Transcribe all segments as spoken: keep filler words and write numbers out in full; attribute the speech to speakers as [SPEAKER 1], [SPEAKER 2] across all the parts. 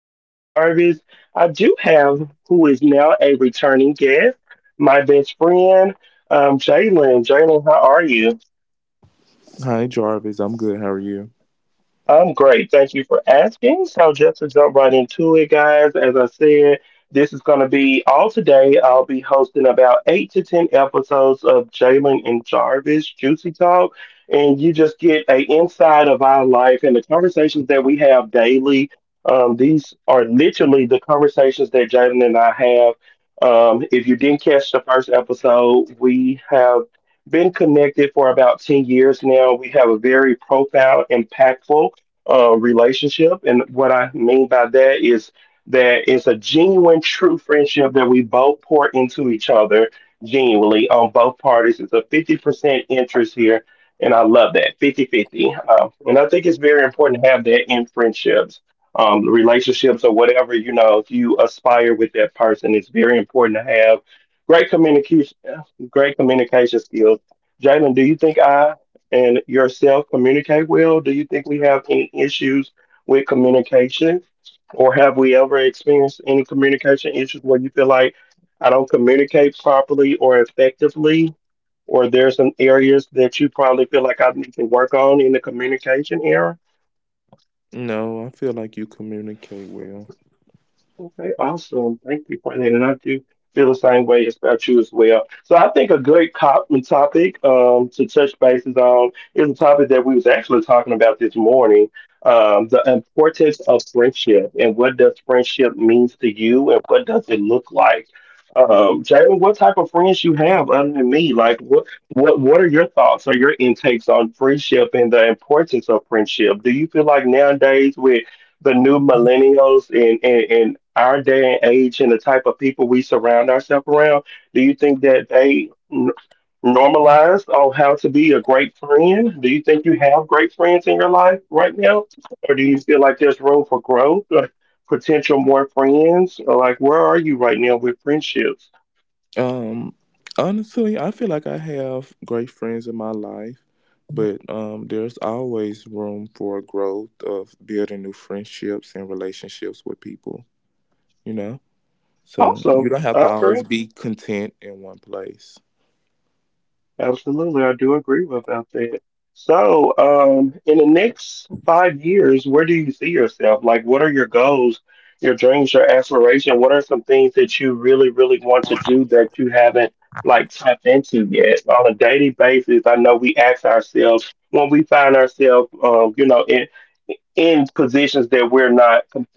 [SPEAKER 1] your host, Jarvis. I do have who is now a returning guest, my best friend, um, Jalen. Jalen, how are you?
[SPEAKER 2] Hi, Jarvis. I'm good. How are you?
[SPEAKER 1] I'm great. Thank you for asking. So just to jump right into it, guys, as I said, this is going to be all today. I'll be hosting about eight to ten episodes of Jalen and Jarvis Juicy Talk, and you just get a inside of our life and the conversations that we have daily. Um, these are literally the conversations that Jalen and I have. Um, if you didn't catch the first episode, we have been connected for about ten years now. We have a very profound, impactful uh, relationship. And what I mean by that is that it's a genuine, true friendship that we both pour into each other genuinely on both parties. It's a fifty percent interest here. And I love that fifty fifty. Um, and I think it's very important to have that in friendships, um, relationships, or whatever, you know, if you aspire with that person, it's very important to have great communication, great communication skills. Jalen, do you think I and yourself communicate well? Do you think we have any issues with communication? Or have we ever experienced any communication issues where you feel like I don't communicate properly or effectively? Or there's some areas that you probably feel like I need to work on in the communication area?
[SPEAKER 2] No, I feel like you communicate well.
[SPEAKER 1] Okay, awesome. Thank you for that. And I do feel the same way about you as well. So I think a good cop topic um, to touch bases on is a topic that we was actually talking about this morning, um, the importance of friendship and what does friendship means to you and what does it look like? Um, Jalen, what type of friends you have other than me? Like what what what are your thoughts or your intakes on friendship and the importance of friendship? Do you feel like nowadays with the new millennials in, in, in our day and age and the type of people we surround ourselves around, do you think that they n- normalize on how to be a great friend? Do you think you have great friends in your life right now? Or do you feel like there's room for growth or potential more friends? Or like, where are you right now with friendships?
[SPEAKER 2] Um, honestly, I feel like I have great friends in my life, but um, there's always room for growth of building new friendships and relationships with people, you know? So
[SPEAKER 1] Awesome.
[SPEAKER 2] you don't have
[SPEAKER 1] I
[SPEAKER 2] to
[SPEAKER 1] agree.
[SPEAKER 2] always be content in one place.
[SPEAKER 1] Absolutely, I do agree with about that. So, um, in the next five years, where do you see yourself? Like, what are your goals, your dreams, your aspiration? What are some things that you really, really want to do that you haven't like tapped into yet? On a daily basis, I know we ask ourselves when we find ourselves, um, you know, in in positions that we're not com-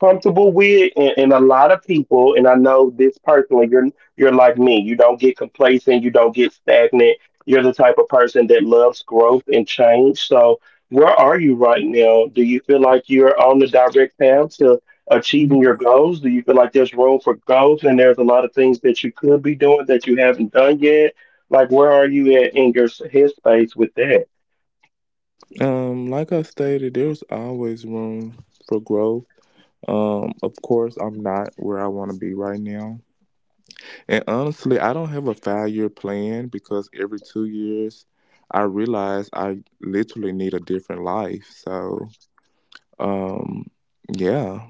[SPEAKER 1] comfortable with and, and a lot of people and I know this personally. You're you're like me. You don't get complacent, you don't get stagnant, you're the type of person that loves growth and change. So where are you right now? Do you feel like you're on the direct path to achieving your goals? Do you feel like there's room for growth and there's a lot of things that you could be doing that you haven't done yet? Like where are you at in your s- headspace with that?
[SPEAKER 2] Um, like I stated, there's always room for growth. Um, of course, I'm not where I want to be right now. And honestly, I don't have a five year plan because every two years I realize I literally need a different life. So, um, yeah.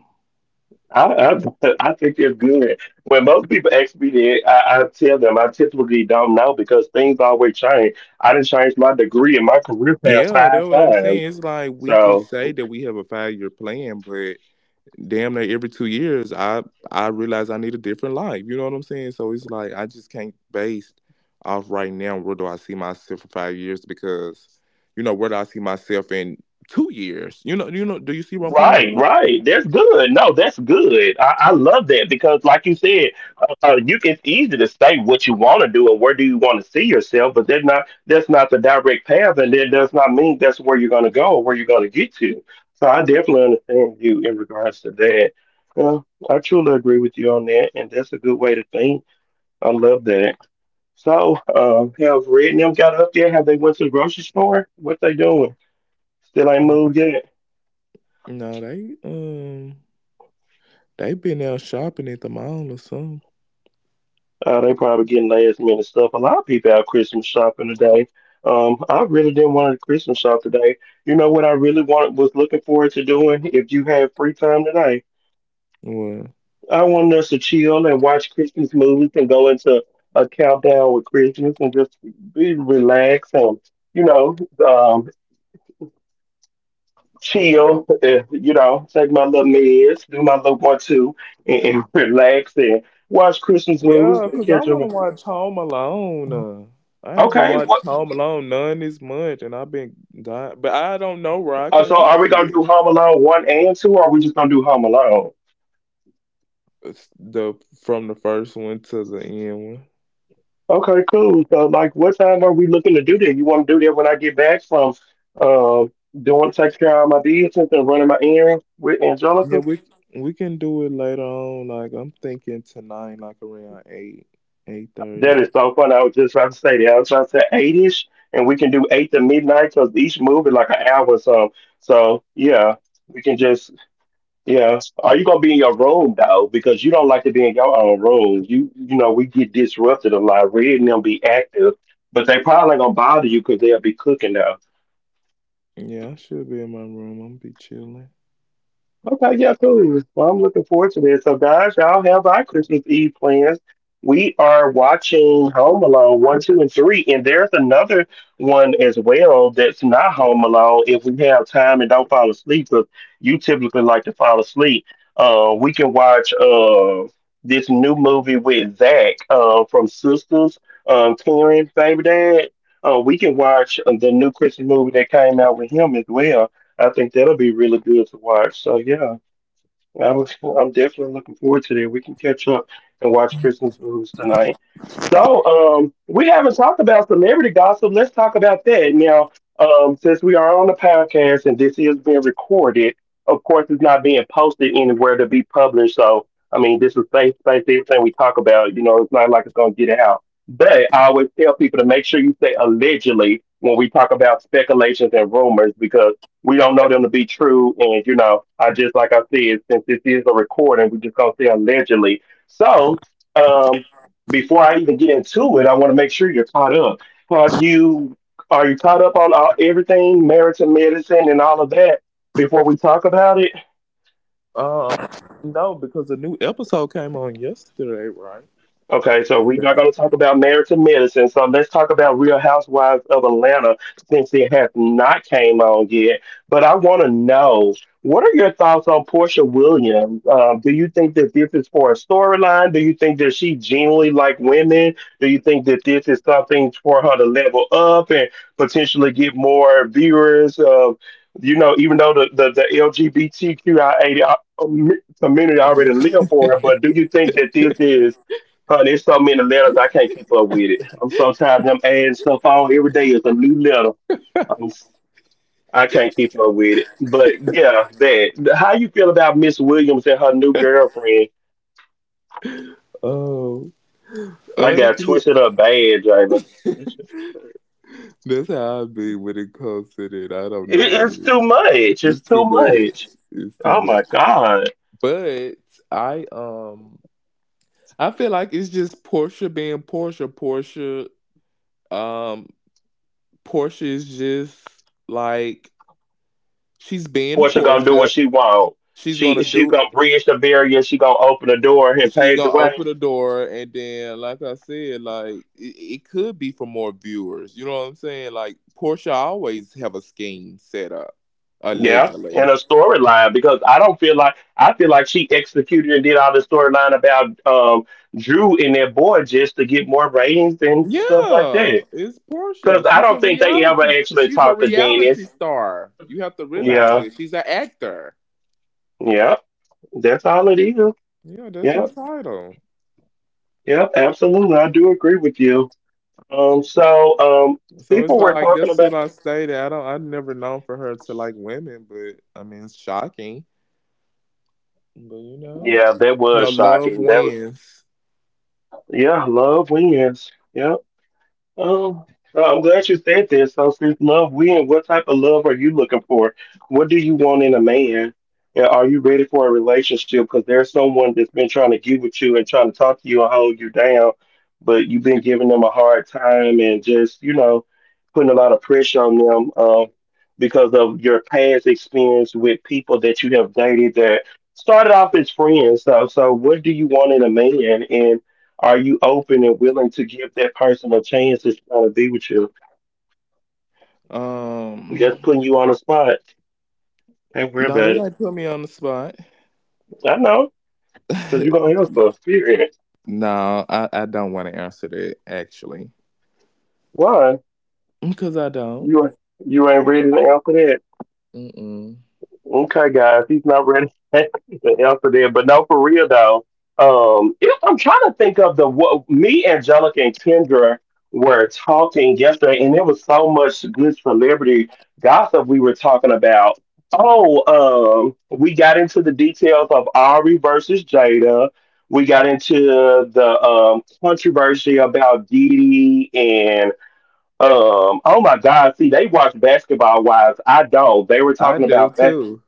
[SPEAKER 1] I, I I think it's good. When most people ask me that, I, I tell them I typically don't know because things always change. I did changed my degree and my career path
[SPEAKER 2] Yeah, that's
[SPEAKER 1] five
[SPEAKER 2] what I'm
[SPEAKER 1] times.
[SPEAKER 2] saying. It's like we can
[SPEAKER 1] So
[SPEAKER 2] say that we have a five year plan, but damn near every two years I I realize I need a different life. You know what I'm saying? So it's like I just can't base off right now, where do I see myself for five years, because you know, where do I see myself in two years? You know, you know, do you see where I'm coming
[SPEAKER 1] right,
[SPEAKER 2] from?
[SPEAKER 1] right. That's good. No, that's good. I, I love that because, like you said, uh, uh, you, it's easy to say what you want to do and where do you want to see yourself, but that's not that's not the direct path, and that does not mean that's where you're going to go or where you're going to get to. So I definitely understand you in regards to that. Well, I truly agree with you on that, and that's a good way to think. I love that. So, um, have Red and them got up there? Have they went to the grocery store? What they doing? Still ain't moved yet.
[SPEAKER 2] No, they um they been out shopping at the mall or something.
[SPEAKER 1] Uh, they probably getting last minute stuff. A lot of people out Christmas shopping today. Um, I really didn't want to Christmas shop today. You know what I really wanted was looking forward to doing if you have free time today.
[SPEAKER 2] Well,
[SPEAKER 1] I wanted us to chill and watch Christmas movies and go into a countdown with Christmas and just be relaxed and, you know, um, chill, uh, you know, take my little meds, do my little one two and, and relax and watch Christmas movies
[SPEAKER 2] yeah,
[SPEAKER 1] and
[SPEAKER 2] cause I
[SPEAKER 1] catch them.
[SPEAKER 2] want to watch Home Alone. Uh, I haven't
[SPEAKER 1] Okay, what?
[SPEAKER 2] watched Home Alone none this month, and I've been dying, but I don't know where I
[SPEAKER 1] Uh,
[SPEAKER 2] can
[SPEAKER 1] so
[SPEAKER 2] watch
[SPEAKER 1] are we gonna
[SPEAKER 2] it.
[SPEAKER 1] do Home Alone one and two, or are we just gonna do Home Alone?
[SPEAKER 2] It's the from the first one to the end one.
[SPEAKER 1] Okay, cool. So like, what time are we looking to do that? You want to do that when I get back from uh, doing taking care of my business and running my errands with
[SPEAKER 2] Yeah,
[SPEAKER 1] Angelica?
[SPEAKER 2] we we can do it later on. Like I'm thinking tonight, like around eight eight
[SPEAKER 1] That is
[SPEAKER 2] thirty.
[SPEAKER 1] so fun. I was just about to say that. I was about to say eight ish, and we can do eight to midnight because each movie like an hour or so. So yeah, we can just yeah. Are you gonna be in your room though? Because you don't like to be in your own room. You you know, we get disrupted a lot. Reading them be active, but they probably ain't gonna bother you because they'll be cooking though.
[SPEAKER 2] Yeah, I should be in my room. I'm be chilling.
[SPEAKER 1] Okay, yeah, cool. Well, I'm looking forward to this. So, guys, y'all have our Christmas Eve plans. We are watching Home Alone one, two, and three, and there's another one as well that's not Home Alone. If we have time and don't fall asleep, because you typically like to fall asleep, uh, we can watch uh, this new movie with Zach uh, from Sisters, um, Karen, Baby Dad. Uh, we can watch uh, the new Christmas movie that came out with him as well. I think that'll be really good to watch. So yeah, I was, I'm definitely looking forward to that. We can catch up and watch Christmas movies tonight. So um, we haven't talked about celebrity gossip. Let's talk about that now. Um, since we are on the podcast and this is being recorded, of course, it's not being posted anywhere to be published. So I mean, this is safe space. Everything we talk about, you know, it's not like it's going to get out. But I always tell people to make sure you say allegedly when we talk about speculations and rumors because we don't know them to be true. And you know, I just like I said, since this is a recording, we just gonna say allegedly. So, um, before I even get into it, I want to make sure you're caught up. Are you are you caught up on all, everything, marriage and medicine, and all of that before we talk about it?
[SPEAKER 2] Uh, no, because a new episode came on yesterday, right?
[SPEAKER 1] Okay, so
[SPEAKER 2] Or
[SPEAKER 1] we're not
[SPEAKER 2] that-
[SPEAKER 1] going to talk about marriage to medicine. So let's talk about Real Housewives of Atlanta since it has not came on yet. But I want to know, what are your thoughts on Portia Williams? Um, do you think that this is for a storyline? Do you think that she genuinely like women? Do you think that this is something for her to level up and potentially get more viewers of? You know, even though the, the, the L G B T Q I A community already live for her, but do you think that this is honey, there's so many letters I can't keep up with it. I'm so tired of them adding stuff on every day. It's a new letter. I'm, s- I can't keep up with it. But yeah, that. How you feel about Miss Williams and her new girlfriend?
[SPEAKER 2] oh,
[SPEAKER 1] I got
[SPEAKER 2] honestly,
[SPEAKER 1] twisted up bad, Jayla. It's,
[SPEAKER 2] that's how I be when it comes to that. I don't
[SPEAKER 1] it-
[SPEAKER 2] know,
[SPEAKER 1] it's
[SPEAKER 2] dude.
[SPEAKER 1] too much. It's
[SPEAKER 2] It's
[SPEAKER 1] too
[SPEAKER 2] too much.
[SPEAKER 1] much.
[SPEAKER 2] It's too
[SPEAKER 1] Oh
[SPEAKER 2] much.
[SPEAKER 1] my God.
[SPEAKER 2] But I um, I feel like it's just Portia being Portia. Portia, um, Portia is just like she's being
[SPEAKER 1] Portia gonna do what
[SPEAKER 2] Portia.
[SPEAKER 1] she want.
[SPEAKER 2] She's
[SPEAKER 1] She
[SPEAKER 2] gonna
[SPEAKER 1] she
[SPEAKER 2] do.
[SPEAKER 1] gonna bridge the barrier. She gonna open the door and
[SPEAKER 2] She's
[SPEAKER 1] pave the
[SPEAKER 2] gonna
[SPEAKER 1] way.
[SPEAKER 2] open the door, and then like I said, like it, it could be for more viewers, you know what I'm saying? Like Portia always have a scheme set up.
[SPEAKER 1] Yeah, and
[SPEAKER 2] Allegedly.
[SPEAKER 1] a storyline because I don't feel like I feel like she executed and did all the storyline about um, Drew and their boy just to get more ratings and stuff like
[SPEAKER 2] Yeah,
[SPEAKER 1] that.
[SPEAKER 2] it's portia
[SPEAKER 1] Because I
[SPEAKER 2] she's
[SPEAKER 1] don't
[SPEAKER 2] a
[SPEAKER 1] think they ever
[SPEAKER 2] reality
[SPEAKER 1] actually
[SPEAKER 2] she's a
[SPEAKER 1] talked to
[SPEAKER 2] reality
[SPEAKER 1] Dennis.
[SPEAKER 2] star. You have to realize
[SPEAKER 1] Yeah,
[SPEAKER 2] that she's an actor.
[SPEAKER 1] yeah, that's all it is.
[SPEAKER 2] Yeah, that's
[SPEAKER 1] Yeah,
[SPEAKER 2] her title.
[SPEAKER 1] yeah, absolutely. I do agree with you. Um, so um,
[SPEAKER 2] So it's
[SPEAKER 1] people were
[SPEAKER 2] like that's
[SPEAKER 1] talking
[SPEAKER 2] what
[SPEAKER 1] about.
[SPEAKER 2] I stated. i don't I've never known for her to like women, but I mean, it's shocking. But you know,
[SPEAKER 1] Yeah, that was
[SPEAKER 2] no, love
[SPEAKER 1] shocking. That was
[SPEAKER 2] wins.
[SPEAKER 1] yeah, love wins. Yeah. Um, so I'm glad you said this. So since love wins, what type of love are you looking for? What do you want in a man? And are you ready for a relationship? Because there's someone that's been trying to get with you and trying to talk to you and hold you down, but you've been giving them a hard time and just, you know, putting a lot of pressure on them um, because of your past experience with people that you have dated that started off as friends. So, so what do you want in a man? Are you open and willing to give that person a chance that's trying to be with you?
[SPEAKER 2] Um,
[SPEAKER 1] Just putting you on the spot. Ain't worry
[SPEAKER 2] no, they
[SPEAKER 1] about
[SPEAKER 2] like
[SPEAKER 1] it.
[SPEAKER 2] put me on the spot.
[SPEAKER 1] I know, because you're going to hear stuff. Period.
[SPEAKER 2] No, I, I don't want to answer that actually,
[SPEAKER 1] Why?
[SPEAKER 2] because I don't.
[SPEAKER 1] You, you ain't ready to answer.
[SPEAKER 2] Mm-mm.
[SPEAKER 1] Okay, guys, he's not ready to answer there. But no, for real though, um, if I'm trying to think of the what me, Angelica, and Kendra were talking yesterday, and there was so much good celebrity gossip we were talking about. Oh, um, we got into the details of Ari versus Jada. We got into the um, controversy about Didi and um, oh my God, see, they watch Basketball Wives. I don't. They were
[SPEAKER 2] I
[SPEAKER 1] talking
[SPEAKER 2] do
[SPEAKER 1] about.
[SPEAKER 2] too.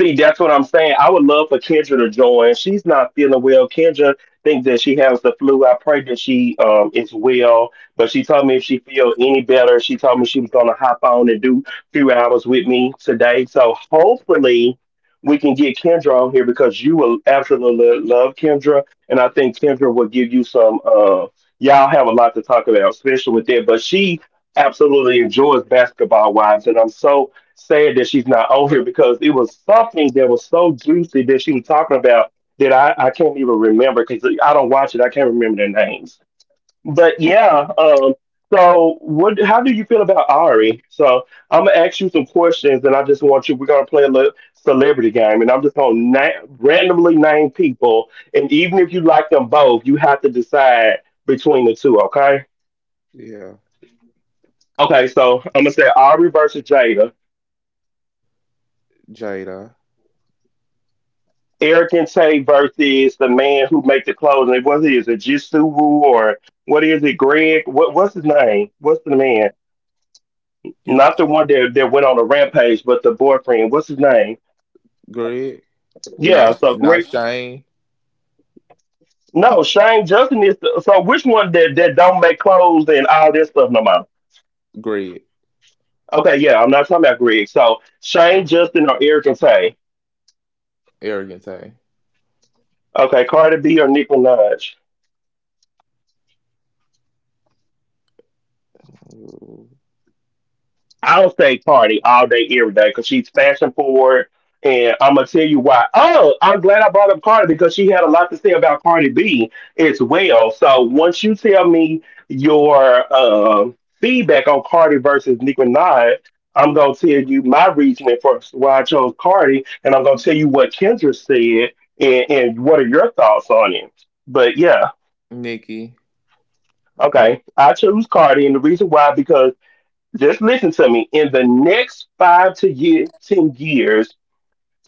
[SPEAKER 1] See, that's what I'm saying. I would love for Kendra to join. She's not feeling well. Kendra thinks that she has the flu. I pray that she um is well. But she told me if she feel any better, she told me she was gonna hop on and do a few hours with me today. So hopefully we can get Kendra on here because you will absolutely love Kendra. And I think Kendra will give you some uh y'all have a lot to talk about, especially with that. But she absolutely enjoys basketball wives and I'm so sad that she's not on here because it was something that was so juicy that she was talking about that I, I can't even remember because I don't watch it. I can't remember their names. But yeah, um, so what? How do you feel about Ari? So I'm gonna ask you some questions, and I just want you. We're gonna play a little celebrity game, and I'm just gonna na- randomly name people, and even if you like them both, you have to decide between the two. Okay?
[SPEAKER 2] Yeah,
[SPEAKER 1] Okay. So I'm gonna say Ari versus Jada.
[SPEAKER 2] Jada.
[SPEAKER 1] Eric Tay versus the man who make the clothes. And what is it, Jisubu or what is it, Greg? What what's his name? What's the man?
[SPEAKER 2] You.
[SPEAKER 1] Not the one that that went on a rampage, but the boyfriend. What's his name?
[SPEAKER 2] Greg.
[SPEAKER 1] Yeah,
[SPEAKER 2] Not
[SPEAKER 1] so
[SPEAKER 2] not
[SPEAKER 1] great.
[SPEAKER 2] Shane.
[SPEAKER 1] No, Shane Justin is. The, so which one that that don't make clothes and all this stuff no more?
[SPEAKER 2] Greg.
[SPEAKER 1] Okay, yeah, I'm not talking about Greg. So Shane Justin or Eric Tay.
[SPEAKER 2] Arrogant A.
[SPEAKER 1] Okay, Cardi B or Nicki Minaj.
[SPEAKER 2] Ooh.
[SPEAKER 1] I'll say Cardi all day, every day, because she's fashion forward. And I'm gonna tell you why. Oh, I'm glad I brought up Cardi because she had a lot to say about Cardi B as well. So once you tell me your um feedback on Cardi versus Nicki Minaj, I'm gonna tell you my reasoning for why I chose Cardi, and I'm gonna tell you what Kendra said and, and what are your thoughts on it. But yeah,
[SPEAKER 2] Nikki.
[SPEAKER 1] okay, I chose Cardi, and the reason why because. Just listen to me. In the next five to year, ten years,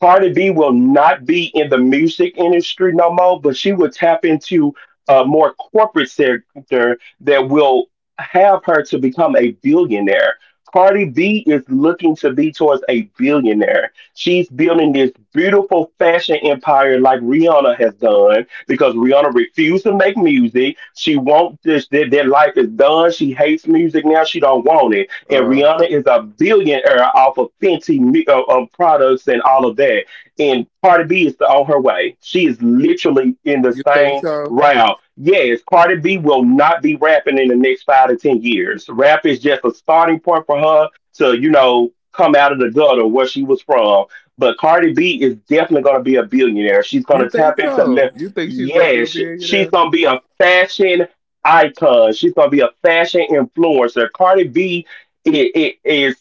[SPEAKER 1] Cardi B will not be in the music industry no more, but she will tap into a more corporate sector that will have her to become a billionaire. Cardi B is looking to be towards a billionaire. She's building this beautiful fashion empire like Rihanna has done because Rihanna refused to make music. She won't this that, that life is done. She hates music now. She don't want it and
[SPEAKER 2] Uh,
[SPEAKER 1] Rihanna is a billionaire off of Fenty mi- of, of products and all of that. And Cardi B is on her way. She is literally in the
[SPEAKER 2] you think
[SPEAKER 1] same
[SPEAKER 2] so?
[SPEAKER 1] route. Yes, Cardi B will not be rapping in the next five to ten years. Rap is just a starting point for her to you know come out of the gutter where she was from. But Cardi B is definitely going to be a billionaire. She's going
[SPEAKER 2] You
[SPEAKER 1] to
[SPEAKER 2] think
[SPEAKER 1] tap into
[SPEAKER 2] so?
[SPEAKER 1] le-
[SPEAKER 2] You think she's gonna be a
[SPEAKER 1] yes, sh- she's
[SPEAKER 2] billionaire?
[SPEAKER 1] going to be a fashion icon. She's gonna be a fashion influencer. Cardi B it, it is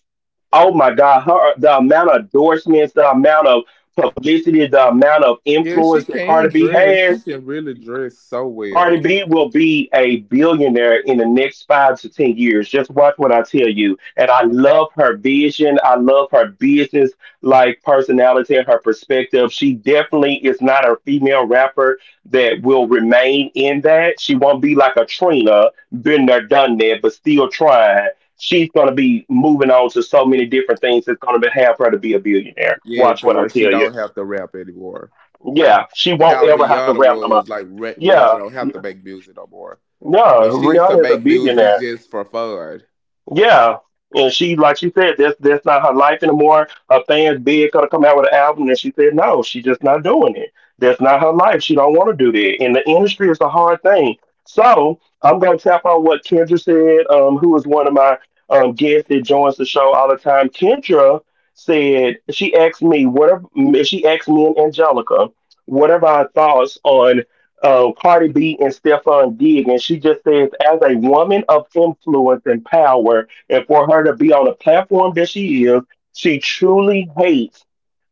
[SPEAKER 1] oh my god her the amount of endorsements the amount of publicity the amount of
[SPEAKER 2] Yeah, she
[SPEAKER 1] influence that
[SPEAKER 2] can
[SPEAKER 1] Cardi B
[SPEAKER 2] dress. She
[SPEAKER 1] has.
[SPEAKER 2] can really dress so well.
[SPEAKER 1] Cardi B will be a billionaire in the next five to ten years. Just watch what I tell you. And I love her vision. I love her business like personality and her perspective. She definitely is not a female rapper that will remain in that. She won't be like a Trina, been there, done that, but still trying. She's gonna be moving on to so many different things that's gonna be, have her to be a billionaire.
[SPEAKER 2] Yeah,
[SPEAKER 1] Watch
[SPEAKER 2] to
[SPEAKER 1] what I
[SPEAKER 2] where she
[SPEAKER 1] tell you.
[SPEAKER 2] don't have to rap anymore.
[SPEAKER 1] Yeah, she won't
[SPEAKER 2] How
[SPEAKER 1] ever have to
[SPEAKER 2] Rihanna
[SPEAKER 1] rap no more.
[SPEAKER 2] was. Like Re- Rihanna
[SPEAKER 1] Yeah.
[SPEAKER 2] don't have to make music no more.
[SPEAKER 1] No,
[SPEAKER 2] If she was to
[SPEAKER 1] Rihanna is a
[SPEAKER 2] make music, it's
[SPEAKER 1] billionaire.
[SPEAKER 2] just for fun.
[SPEAKER 1] Yeah. And she, like she said, that's that's not her life anymore. Her fans bid gonna come out with an album, and she said no, she's just not doing it. That's not her life. She don't want to do that. And the industry is a hard thing. So I'm gonna tap on what Kendra said, um, who is one of my um, guests that joins the show all the time. Kendra said she asked me what are, she asked me and Angelica what are our thoughts on uh, Cardi B and Stephon Diggs, and she just says, as a woman of influence and power, and for her to be on the platform that she is, she truly hates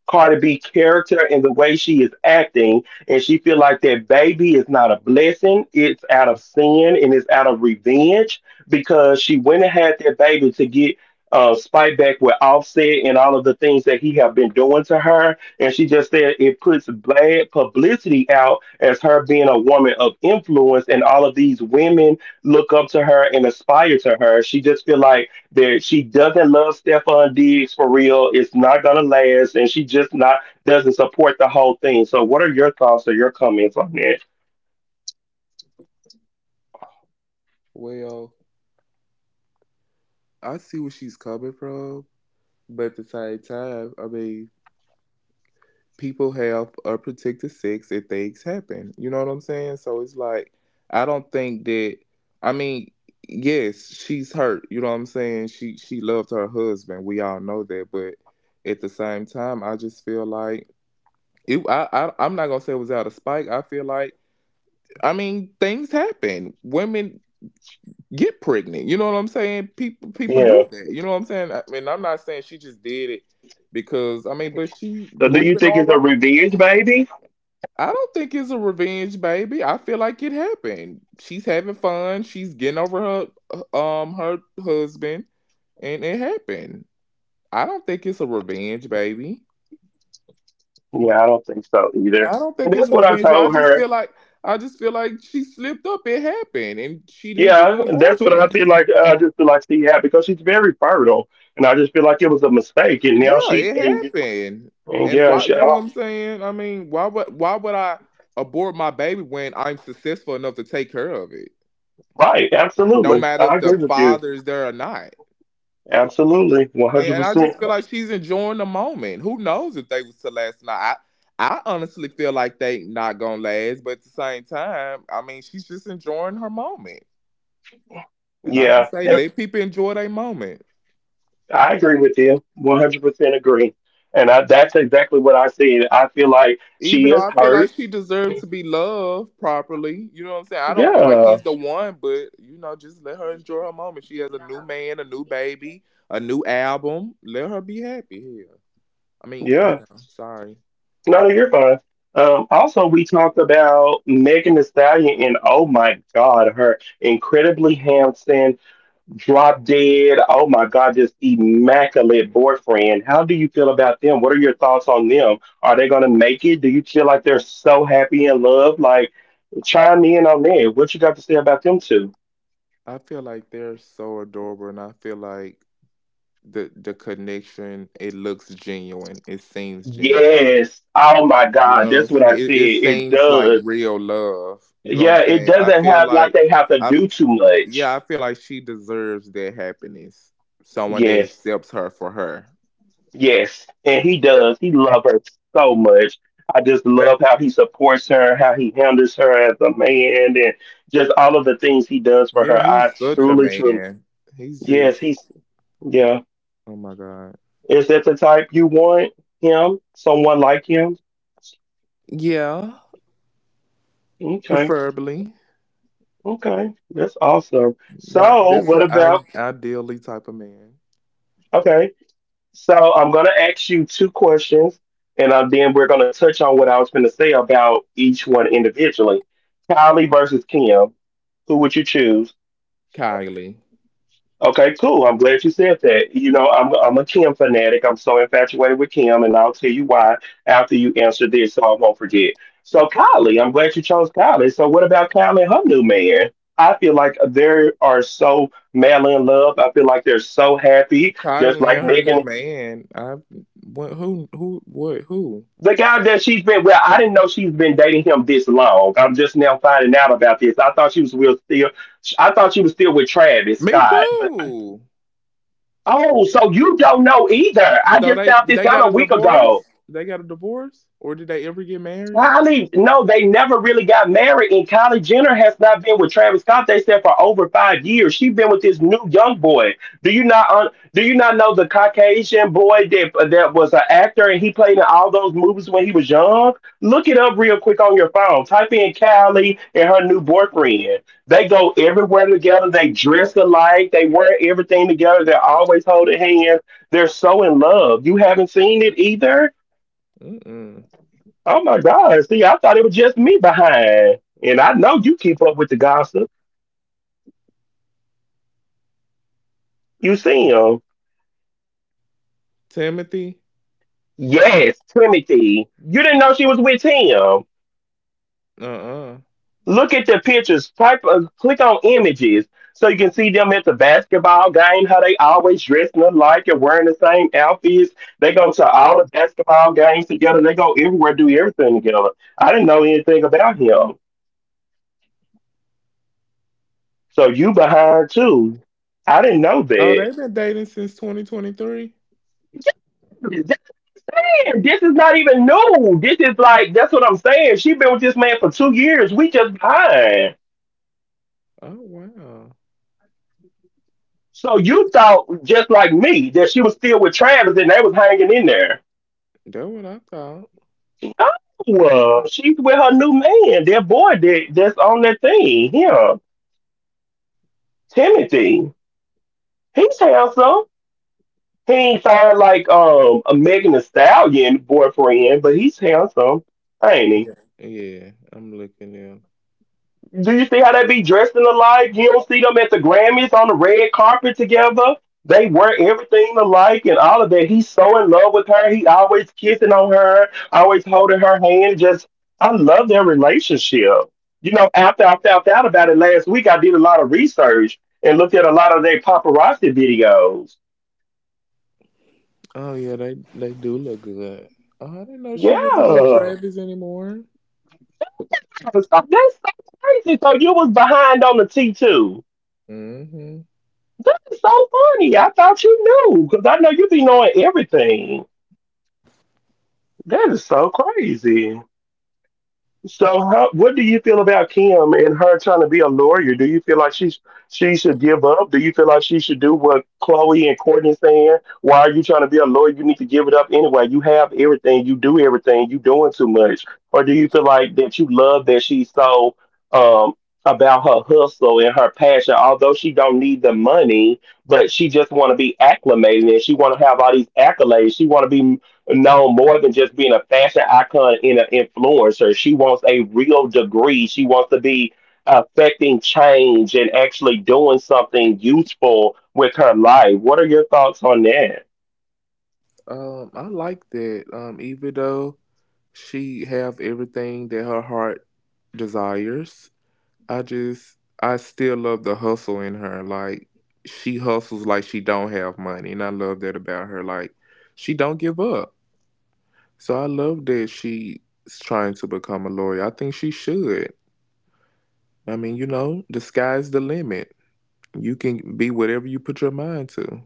[SPEAKER 1] Cardi B character and the way she is acting, and she feel like that baby is not a blessing. It's out of sin and it's out of revenge because she went and had that baby to get uh, spite back with Offset and all of the things that he have been doing to her. And she just said it puts bad publicity out as her being a woman of influence, and all of these women look up to her and aspire to her. She just feel like there, she doesn't love Stephon Diggs for real. It's not gonna last, and she just not doesn't support the whole thing. So, what are your thoughts or your comments on that?
[SPEAKER 2] Well, I see where she's coming from, but at the same time, I mean, people have unprotected sex and things happen. You know what I'm saying? So it's like I don't think that. I mean, yes, she's hurt. You know what I'm saying? She she loved her husband. We all know that, but at the same time, I just feel like it. I, I I'm not gonna say it was out of spite. I feel like I mean, things happen. Women get pregnant. You know what I'm saying? People people
[SPEAKER 1] Yeah.
[SPEAKER 2] do that. You know what I'm saying? I mean, I'm not saying she just did it because I mean, but she
[SPEAKER 1] So, do you
[SPEAKER 2] moving
[SPEAKER 1] think
[SPEAKER 2] all
[SPEAKER 1] it's a
[SPEAKER 2] right.
[SPEAKER 1] revenge, baby?
[SPEAKER 2] I don't think it's a revenge, baby. I feel like it happened. She's having fun. She's getting over her uh, um her husband, and it happened. I don't think it's a revenge, baby.
[SPEAKER 1] Yeah, I don't think so
[SPEAKER 2] I
[SPEAKER 1] either.
[SPEAKER 2] don't
[SPEAKER 1] And
[SPEAKER 2] think it's
[SPEAKER 1] that's
[SPEAKER 2] a
[SPEAKER 1] what I
[SPEAKER 2] revenge. But I
[SPEAKER 1] told
[SPEAKER 2] just
[SPEAKER 1] her.
[SPEAKER 2] feel like I just feel like she slipped up. It happened, and she didn't get
[SPEAKER 1] Yeah,
[SPEAKER 2] an
[SPEAKER 1] that's what I
[SPEAKER 2] abortion.
[SPEAKER 1] feel like. Uh, I just feel like she had because she's very fertile, and I just feel like it was a mistake. And now
[SPEAKER 2] Yeah,
[SPEAKER 1] she
[SPEAKER 2] it
[SPEAKER 1] and,
[SPEAKER 2] happened.
[SPEAKER 1] and
[SPEAKER 2] And
[SPEAKER 1] yeah,
[SPEAKER 2] why,
[SPEAKER 1] she,
[SPEAKER 2] you know what I'm
[SPEAKER 1] oh,
[SPEAKER 2] saying? I mean, why would why would I abort my baby when I'm successful enough to take care of it?
[SPEAKER 1] right,
[SPEAKER 2] No
[SPEAKER 1] absolutely,
[SPEAKER 2] matter
[SPEAKER 1] I
[SPEAKER 2] if the
[SPEAKER 1] agree with you.
[SPEAKER 2] father is there or not.
[SPEAKER 1] Absolutely, one
[SPEAKER 2] And,
[SPEAKER 1] hundred
[SPEAKER 2] and I
[SPEAKER 1] percent.
[SPEAKER 2] just feel like she's enjoying the moment. Who knows if they was to last night? I, I honestly feel like they not gonna last, but at the same time, I mean, she's just enjoying her moment. And I
[SPEAKER 1] Yeah,
[SPEAKER 2] just say, let people enjoy their moment.
[SPEAKER 1] I agree with you. one hundred percent agree. And I, that's exactly what I see. I feel like she
[SPEAKER 2] Even though
[SPEAKER 1] is
[SPEAKER 2] I feel
[SPEAKER 1] hurt.
[SPEAKER 2] like she deserves to be loved properly, you know what I'm saying? I don't feel like
[SPEAKER 1] Yeah.
[SPEAKER 2] he's the one, but you know, just let her enjoy her moment. She has a new man, a new baby, a new album. Let her be happy here. I mean, you
[SPEAKER 1] Yeah.
[SPEAKER 2] know, sorry.
[SPEAKER 1] No, no, you're fine. Um, also, we talked about Megan Thee Stallion, and oh my God, her incredibly handsome, drop dead, oh my God, just immaculate boyfriend. How do you feel about them? What are your thoughts on them? Are they going to make it? Do you feel like they're so happy in love? Like, chime in on that. What you got to say about them two?
[SPEAKER 2] I feel like they're so adorable, and I feel like the the connection, it looks genuine. It seems genuine.
[SPEAKER 1] Yes. Oh my
[SPEAKER 2] You
[SPEAKER 1] God.
[SPEAKER 2] know what I'm
[SPEAKER 1] That's what I
[SPEAKER 2] saying?
[SPEAKER 1] said.
[SPEAKER 2] It it
[SPEAKER 1] It
[SPEAKER 2] seems like
[SPEAKER 1] does.
[SPEAKER 2] real love. You know what I'm
[SPEAKER 1] Yeah, it
[SPEAKER 2] saying? I
[SPEAKER 1] doesn't
[SPEAKER 2] feel
[SPEAKER 1] have like
[SPEAKER 2] like
[SPEAKER 1] they have to
[SPEAKER 2] I
[SPEAKER 1] do too much.
[SPEAKER 2] yeah, I feel like she deserves that happiness. Someone that
[SPEAKER 1] Yes.
[SPEAKER 2] accepts her for her.
[SPEAKER 1] Yes. And he does. He loves her so much. I just love how he supports her, how he handles her as a man, and just all of the things he does for her.
[SPEAKER 2] Yeah, he's
[SPEAKER 1] I
[SPEAKER 2] such a
[SPEAKER 1] truly, truly.
[SPEAKER 2] man. He's just
[SPEAKER 1] Yes, he's, yeah.
[SPEAKER 2] oh my god.
[SPEAKER 1] Is that the type you want him? Someone like him?
[SPEAKER 2] Yeah,
[SPEAKER 1] Okay.
[SPEAKER 2] preferably.
[SPEAKER 1] Okay. That's awesome.
[SPEAKER 2] My
[SPEAKER 1] So,
[SPEAKER 2] this
[SPEAKER 1] what
[SPEAKER 2] the I
[SPEAKER 1] about,
[SPEAKER 2] ideally type of man.
[SPEAKER 1] okay. So I'm going to ask you two questions, and uh, then we're going to touch on what I was going to say about each one individually. Kylie versus Kim, who would you choose?
[SPEAKER 2] Kylie.
[SPEAKER 1] Okay, cool. I'm glad you said that. You know, I'm I'm a Kim fanatic. I'm so infatuated with Kim, and I'll tell you why after you answer this, so I won't forget. So Kylie, I'm glad you chose Kylie. So what about Kylie and her new man? I feel like they are so madly in love. I feel like they're so happy, just
[SPEAKER 2] Kylie
[SPEAKER 1] like
[SPEAKER 2] and her new
[SPEAKER 1] Megan.
[SPEAKER 2] man. I what who who what who?
[SPEAKER 1] The guy that she's been well, I didn't know she's been dating him this long. I'm just now finding out about this. I thought she was real still. I thought she was still with Travis
[SPEAKER 2] Me
[SPEAKER 1] Scott. But
[SPEAKER 2] too.
[SPEAKER 1] oh, so you don't know either? I
[SPEAKER 2] So
[SPEAKER 1] just
[SPEAKER 2] they
[SPEAKER 1] found this
[SPEAKER 2] they got
[SPEAKER 1] out
[SPEAKER 2] a
[SPEAKER 1] a week
[SPEAKER 2] divorce?
[SPEAKER 1] ago.
[SPEAKER 2] They got a divorce? Or did they ever get married?
[SPEAKER 1] Kylie, no, they never really got married, and Kylie Jenner has not been with Travis Scott. They said for over five years. She's been with this new young boy. Do you not un- do you not know the Caucasian boy that that was an actor and he played in all those movies when he was young? Look it up real quick on your phone. Type in Kylie and her new boyfriend. They go everywhere together. They dress alike. They wear everything together. They're always holding hands. They're so in love. You haven't seen it either.
[SPEAKER 2] Mm mm.
[SPEAKER 1] Oh my God! See, I thought it was just me behind, and I know you keep up with the gossip. You see him?
[SPEAKER 2] Timothy?
[SPEAKER 1] Yes, Timothy. You didn't know she was with him.
[SPEAKER 2] Uh uh.
[SPEAKER 1] Look at the pictures. Type, uh, click on images so you can see them at the basketball game. How they always dressing alike and wearing the same outfits. They go to all the basketball games together. They go everywhere, do everything together. I didn't know anything about him, so you behind too. I didn't know
[SPEAKER 2] Oh, they've been dating since twenty twenty-three.
[SPEAKER 1] that. Saying, this is not even new. This is like that's what I'm saying. She been with this man for two years. We just behind.
[SPEAKER 2] Oh wow,
[SPEAKER 1] So you thought just like me that she was still with Travis and they was hanging in there.
[SPEAKER 2] that's what I thought.
[SPEAKER 1] No, she's with her new man, that boy that that's on that thing. Him, Timothy. He's handsome. He ain't fine like um a Megan Thee Stallion boyfriend, but he's handsome, ain't he?
[SPEAKER 2] Yeah, yeah. I'm looking at.
[SPEAKER 1] Do you see how they be dressed in the alike? You don't see them at the Grammys on the red carpet together. They wear everything alike and all of that. He's so in love with her. He always kissing on her, always holding her hand. Just, I love their relationship. You know, after I found out about it last week, I did a lot of research and looked at a lot of their paparazzi videos.
[SPEAKER 2] Oh yeah, they they do look good. Oh, I didn't know she
[SPEAKER 1] Yeah.
[SPEAKER 2] wasn't with
[SPEAKER 1] I
[SPEAKER 2] Travis anymore.
[SPEAKER 1] was like, that's so crazy. So you was behind on the T two.
[SPEAKER 2] Mm-hmm.
[SPEAKER 1] That is so funny. I thought you knew because I know you be knowing everything. That is so crazy. So, how, what do you feel about Kim and her trying to be a lawyer? Do you feel like she's she should give up? Do you feel like she should do what Chloe and Courtney saying? Why are you trying to be a lawyer? You need to give it up anyway. You have everything. You do everything. You doing too much. Or do you feel like that you love that she's so um, about her hustle and her passion, although she don't need the money, but she just want to be acclimated and she want to have all these accolades. She want to be no, more than just being a fashion icon and an influencer. She wants a real degree. She wants to be affecting change and actually doing something useful with her life. What are your thoughts on that?
[SPEAKER 2] Um, I like that. Um, even though she have everything that her heart desires, I just I still love the hustle in her. Like she hustles like she don't have money, and I love that about her. Like she don't give up. So I love that she's trying to become a lawyer. I think she should. I mean, you know, the sky's the limit. You can be whatever you put your mind to.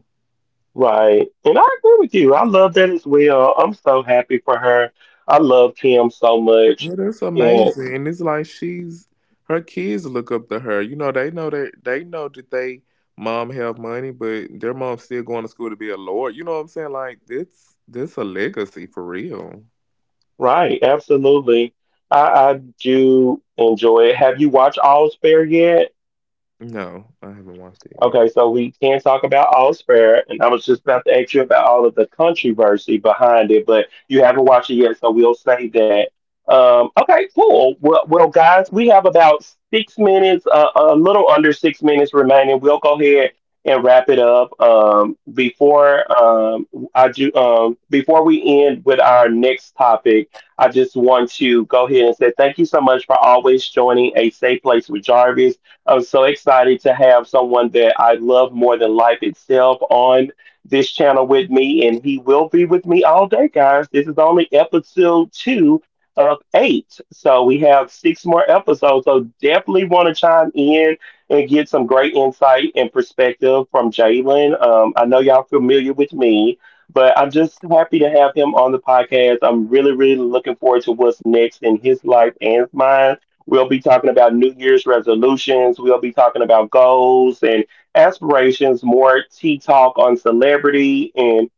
[SPEAKER 1] Right. And I agree with you. I love that as well. I'm so happy for her. I love Kim so much.
[SPEAKER 2] Well, that's
[SPEAKER 1] And
[SPEAKER 2] amazing. And it's like she's her kids look up to her. You know, they know that they know that they mom have money, but their mom's still going to school to be a lawyer. You know what I'm saying? Like that's that's a legacy for real.
[SPEAKER 1] right, absolutely. I, I do enjoy it. Have you watched All's Fair yet?
[SPEAKER 2] No, I haven't watched it yet.
[SPEAKER 1] Okay, so we can talk about All's Fair, and I was just about to ask you about all of the controversy behind it, but you haven't watched it yet, so we'll save that. Um, okay, cool. Well, well, guys, we have about six minutes, uh, a little under six minutes remaining. We'll go ahead and wrap it up. Um, before um, I do, um, before we end with our next topic, I just want to go ahead and say thank you so much for always joining a safe place with Jarvis. I'm so excited to have someone that I love more than life itself on this channel with me, and he will be with me all day, guys. This is only episode two of eight, so we have six more episodes. So definitely want to chime in and get some great insight and perspective from Jalen. Um, I know y'all familiar with me, but I'm just happy to have him on the podcast. I'm really, really looking forward to what's next in his life and mine. We'll be talking about New Year's resolutions. We'll be talking about goals and aspirations, more tea talk on celebrity and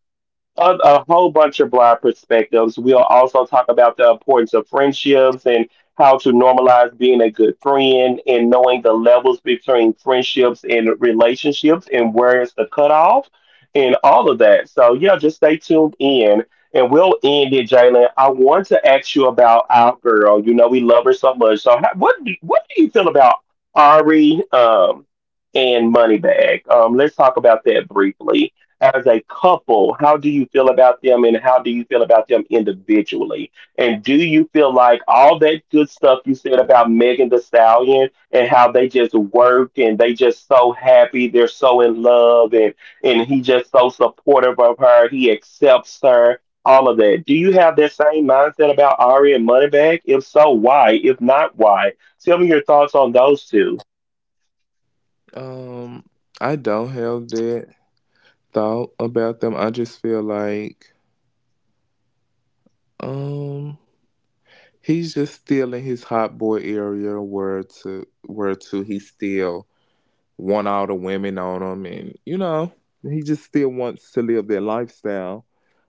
[SPEAKER 1] a, a whole bunch of broad perspectives. We'll also talk about the importance of friendships and how to normalize being a good friend and knowing the levels between friendships and relationships and where is the cutoff and all of that. So, yeah, just stay tuned in. And we'll end it, Jalen. I want to ask you about our girl. You know we love her so much. So, how, what do- what do you feel about Ari um, and Moneybag? Um, let's talk about that briefly as a couple. How do you feel about them and how do you feel about them individually? And do you feel like all that good stuff you said about Megan the Stallion and how they just work and they just so happy, they're so in love and and he just so supportive of her, he accepts her, all of that. Do you have that same mindset about Ari and Moneybag? If so, why? If not, why? Tell me your thoughts on those two.
[SPEAKER 2] Um, I don't have that thought about them. I just feel like Um, he's just still in his hot boy area where to where to he still want all the women on him, and you know he just still wants to live that lifestyle.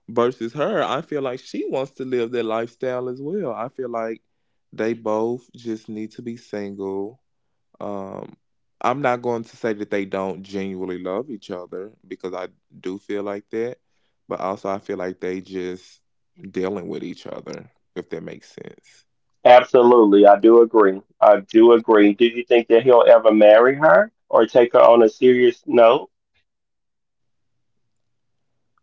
[SPEAKER 2] Versus her, I feel like she wants to live that lifestyle as well. I feel like they both just need to be single. um, I'm not going to say that they don't genuinely love each other, because I do feel like that, but also I feel like they just dealing with each other, if that makes sense.
[SPEAKER 1] Absolutely, I do agree. I do agree. Do you think that he'll ever marry her or take her on a serious note?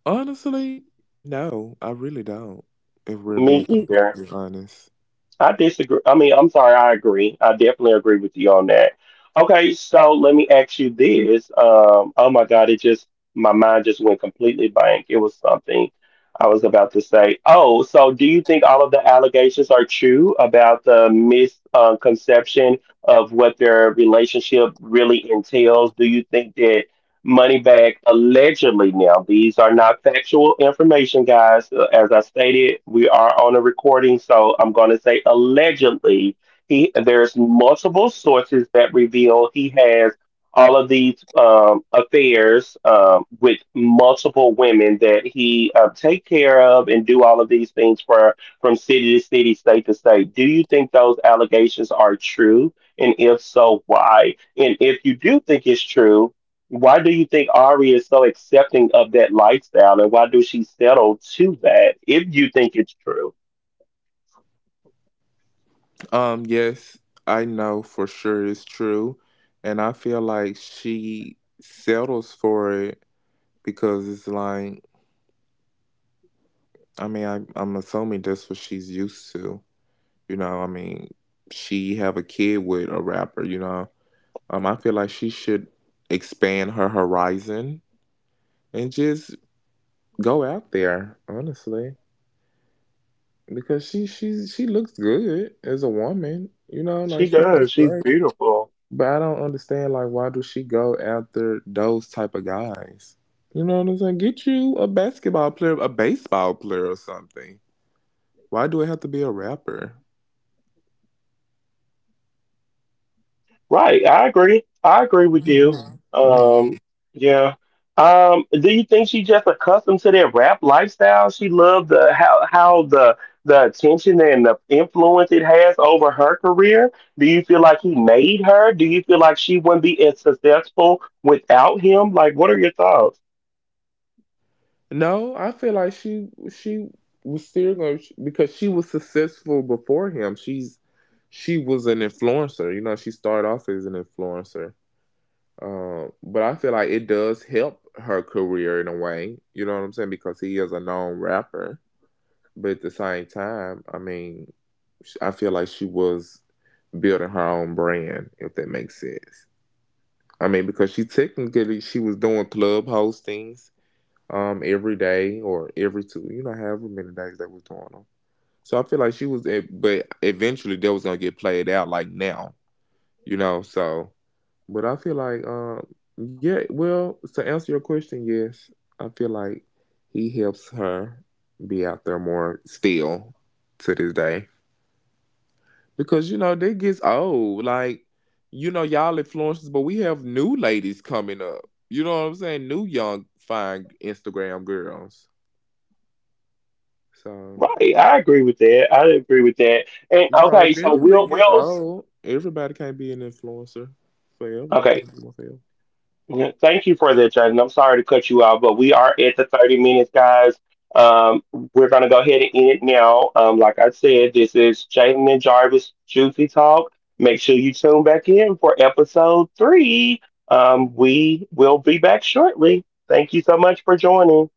[SPEAKER 2] Honestly, no, I really don't. If we're
[SPEAKER 1] Me
[SPEAKER 2] being
[SPEAKER 1] either.
[SPEAKER 2] completely honest,
[SPEAKER 1] I disagree. I mean, I'm sorry, I agree. I definitely agree with you on that. Okay, so let me ask you this. Um, oh my God, it just, my mind just went completely blank. It was something I was about to say. Oh, so do you think all of the allegations are true about the misconception of what their relationship really entails? Do you think that? Moneybag allegedly, now, these are not factual information, guys. Uh, As I stated, we are on a recording, so I'm going to say allegedly. He, there's multiple sources that reveal he has all of these um, affairs um, with multiple women that he uh, take care of and do all of these things for, from city to city, state to state. Do you think those allegations are true? And if so, why? And if you do think it's true, why do you think Ari is so accepting of that lifestyle, and why do she settle to that if you think it's true?
[SPEAKER 2] um, yes, I know for sure it's true, and I feel like she settles for it because it's like, I mean, I, I'm assuming that's what she's used to. You know, I mean, she have a kid with a rapper. You know, um, I feel like she should expand her horizon and just go out there, honestly, because she she's she looks good as a woman. You know, like
[SPEAKER 1] She
[SPEAKER 2] she looks
[SPEAKER 1] does. She's
[SPEAKER 2] great.
[SPEAKER 1] beautiful.
[SPEAKER 2] But I don't understand, like, why do she go after those type of guys? You know what I'm saying? Get you a basketball player, a baseball player, or something. Why do it have to be a rapper?
[SPEAKER 1] Right, I agree. I agree with you.
[SPEAKER 2] Mm. Mm.
[SPEAKER 1] Um, yeah. Um, do you think she just accustomed to that rap lifestyle? She loved the how how the the attention and the influence it has over her career. Do you feel like he made her? Do you feel like she wouldn't be as successful without him? Like, what are your thoughts?
[SPEAKER 2] No, I feel like she she was still going to, because she was successful before him. She's she was an influencer. You know, she started off as an influencer. Um, but I feel like it does help her career in a way. You know what I'm saying? Because he is a known rapper. But at the same time, I mean, sh- I feel like she was building her own brand, if that makes sense. I mean, because she technically she was doing club hostings um every day or every two, you know, however many days that was doing them. So I feel like she was e-, but eventually that was gonna get played out like now, you know. So but I feel like um yeah, well, to answer your question, yes, I feel like he helps her be out there more still to this day, because you know, they gets old, like, you know, y'all influencers, but we have new ladies coming up, you know what I'm saying, new young fine Instagram girls. So
[SPEAKER 1] Right, I agree with that. I agree with that. And
[SPEAKER 2] You know,
[SPEAKER 1] okay, so we
[SPEAKER 2] eventually
[SPEAKER 1] Will
[SPEAKER 2] it gets
[SPEAKER 1] we'll
[SPEAKER 2] old. Everybody can't be an influencer forever. You
[SPEAKER 1] okay.
[SPEAKER 2] can't be one forever.
[SPEAKER 1] Yeah, thank you for that, Jaden. I'm sorry to cut you off, but we are at the thirty minutes, guys. Um, we're gonna go ahead and end it now. Um, like I said, this is Jaden and Jarvis Juicy Talk. Make sure you tune back in for episode three. Um, we will be back shortly. Thank you so much for joining.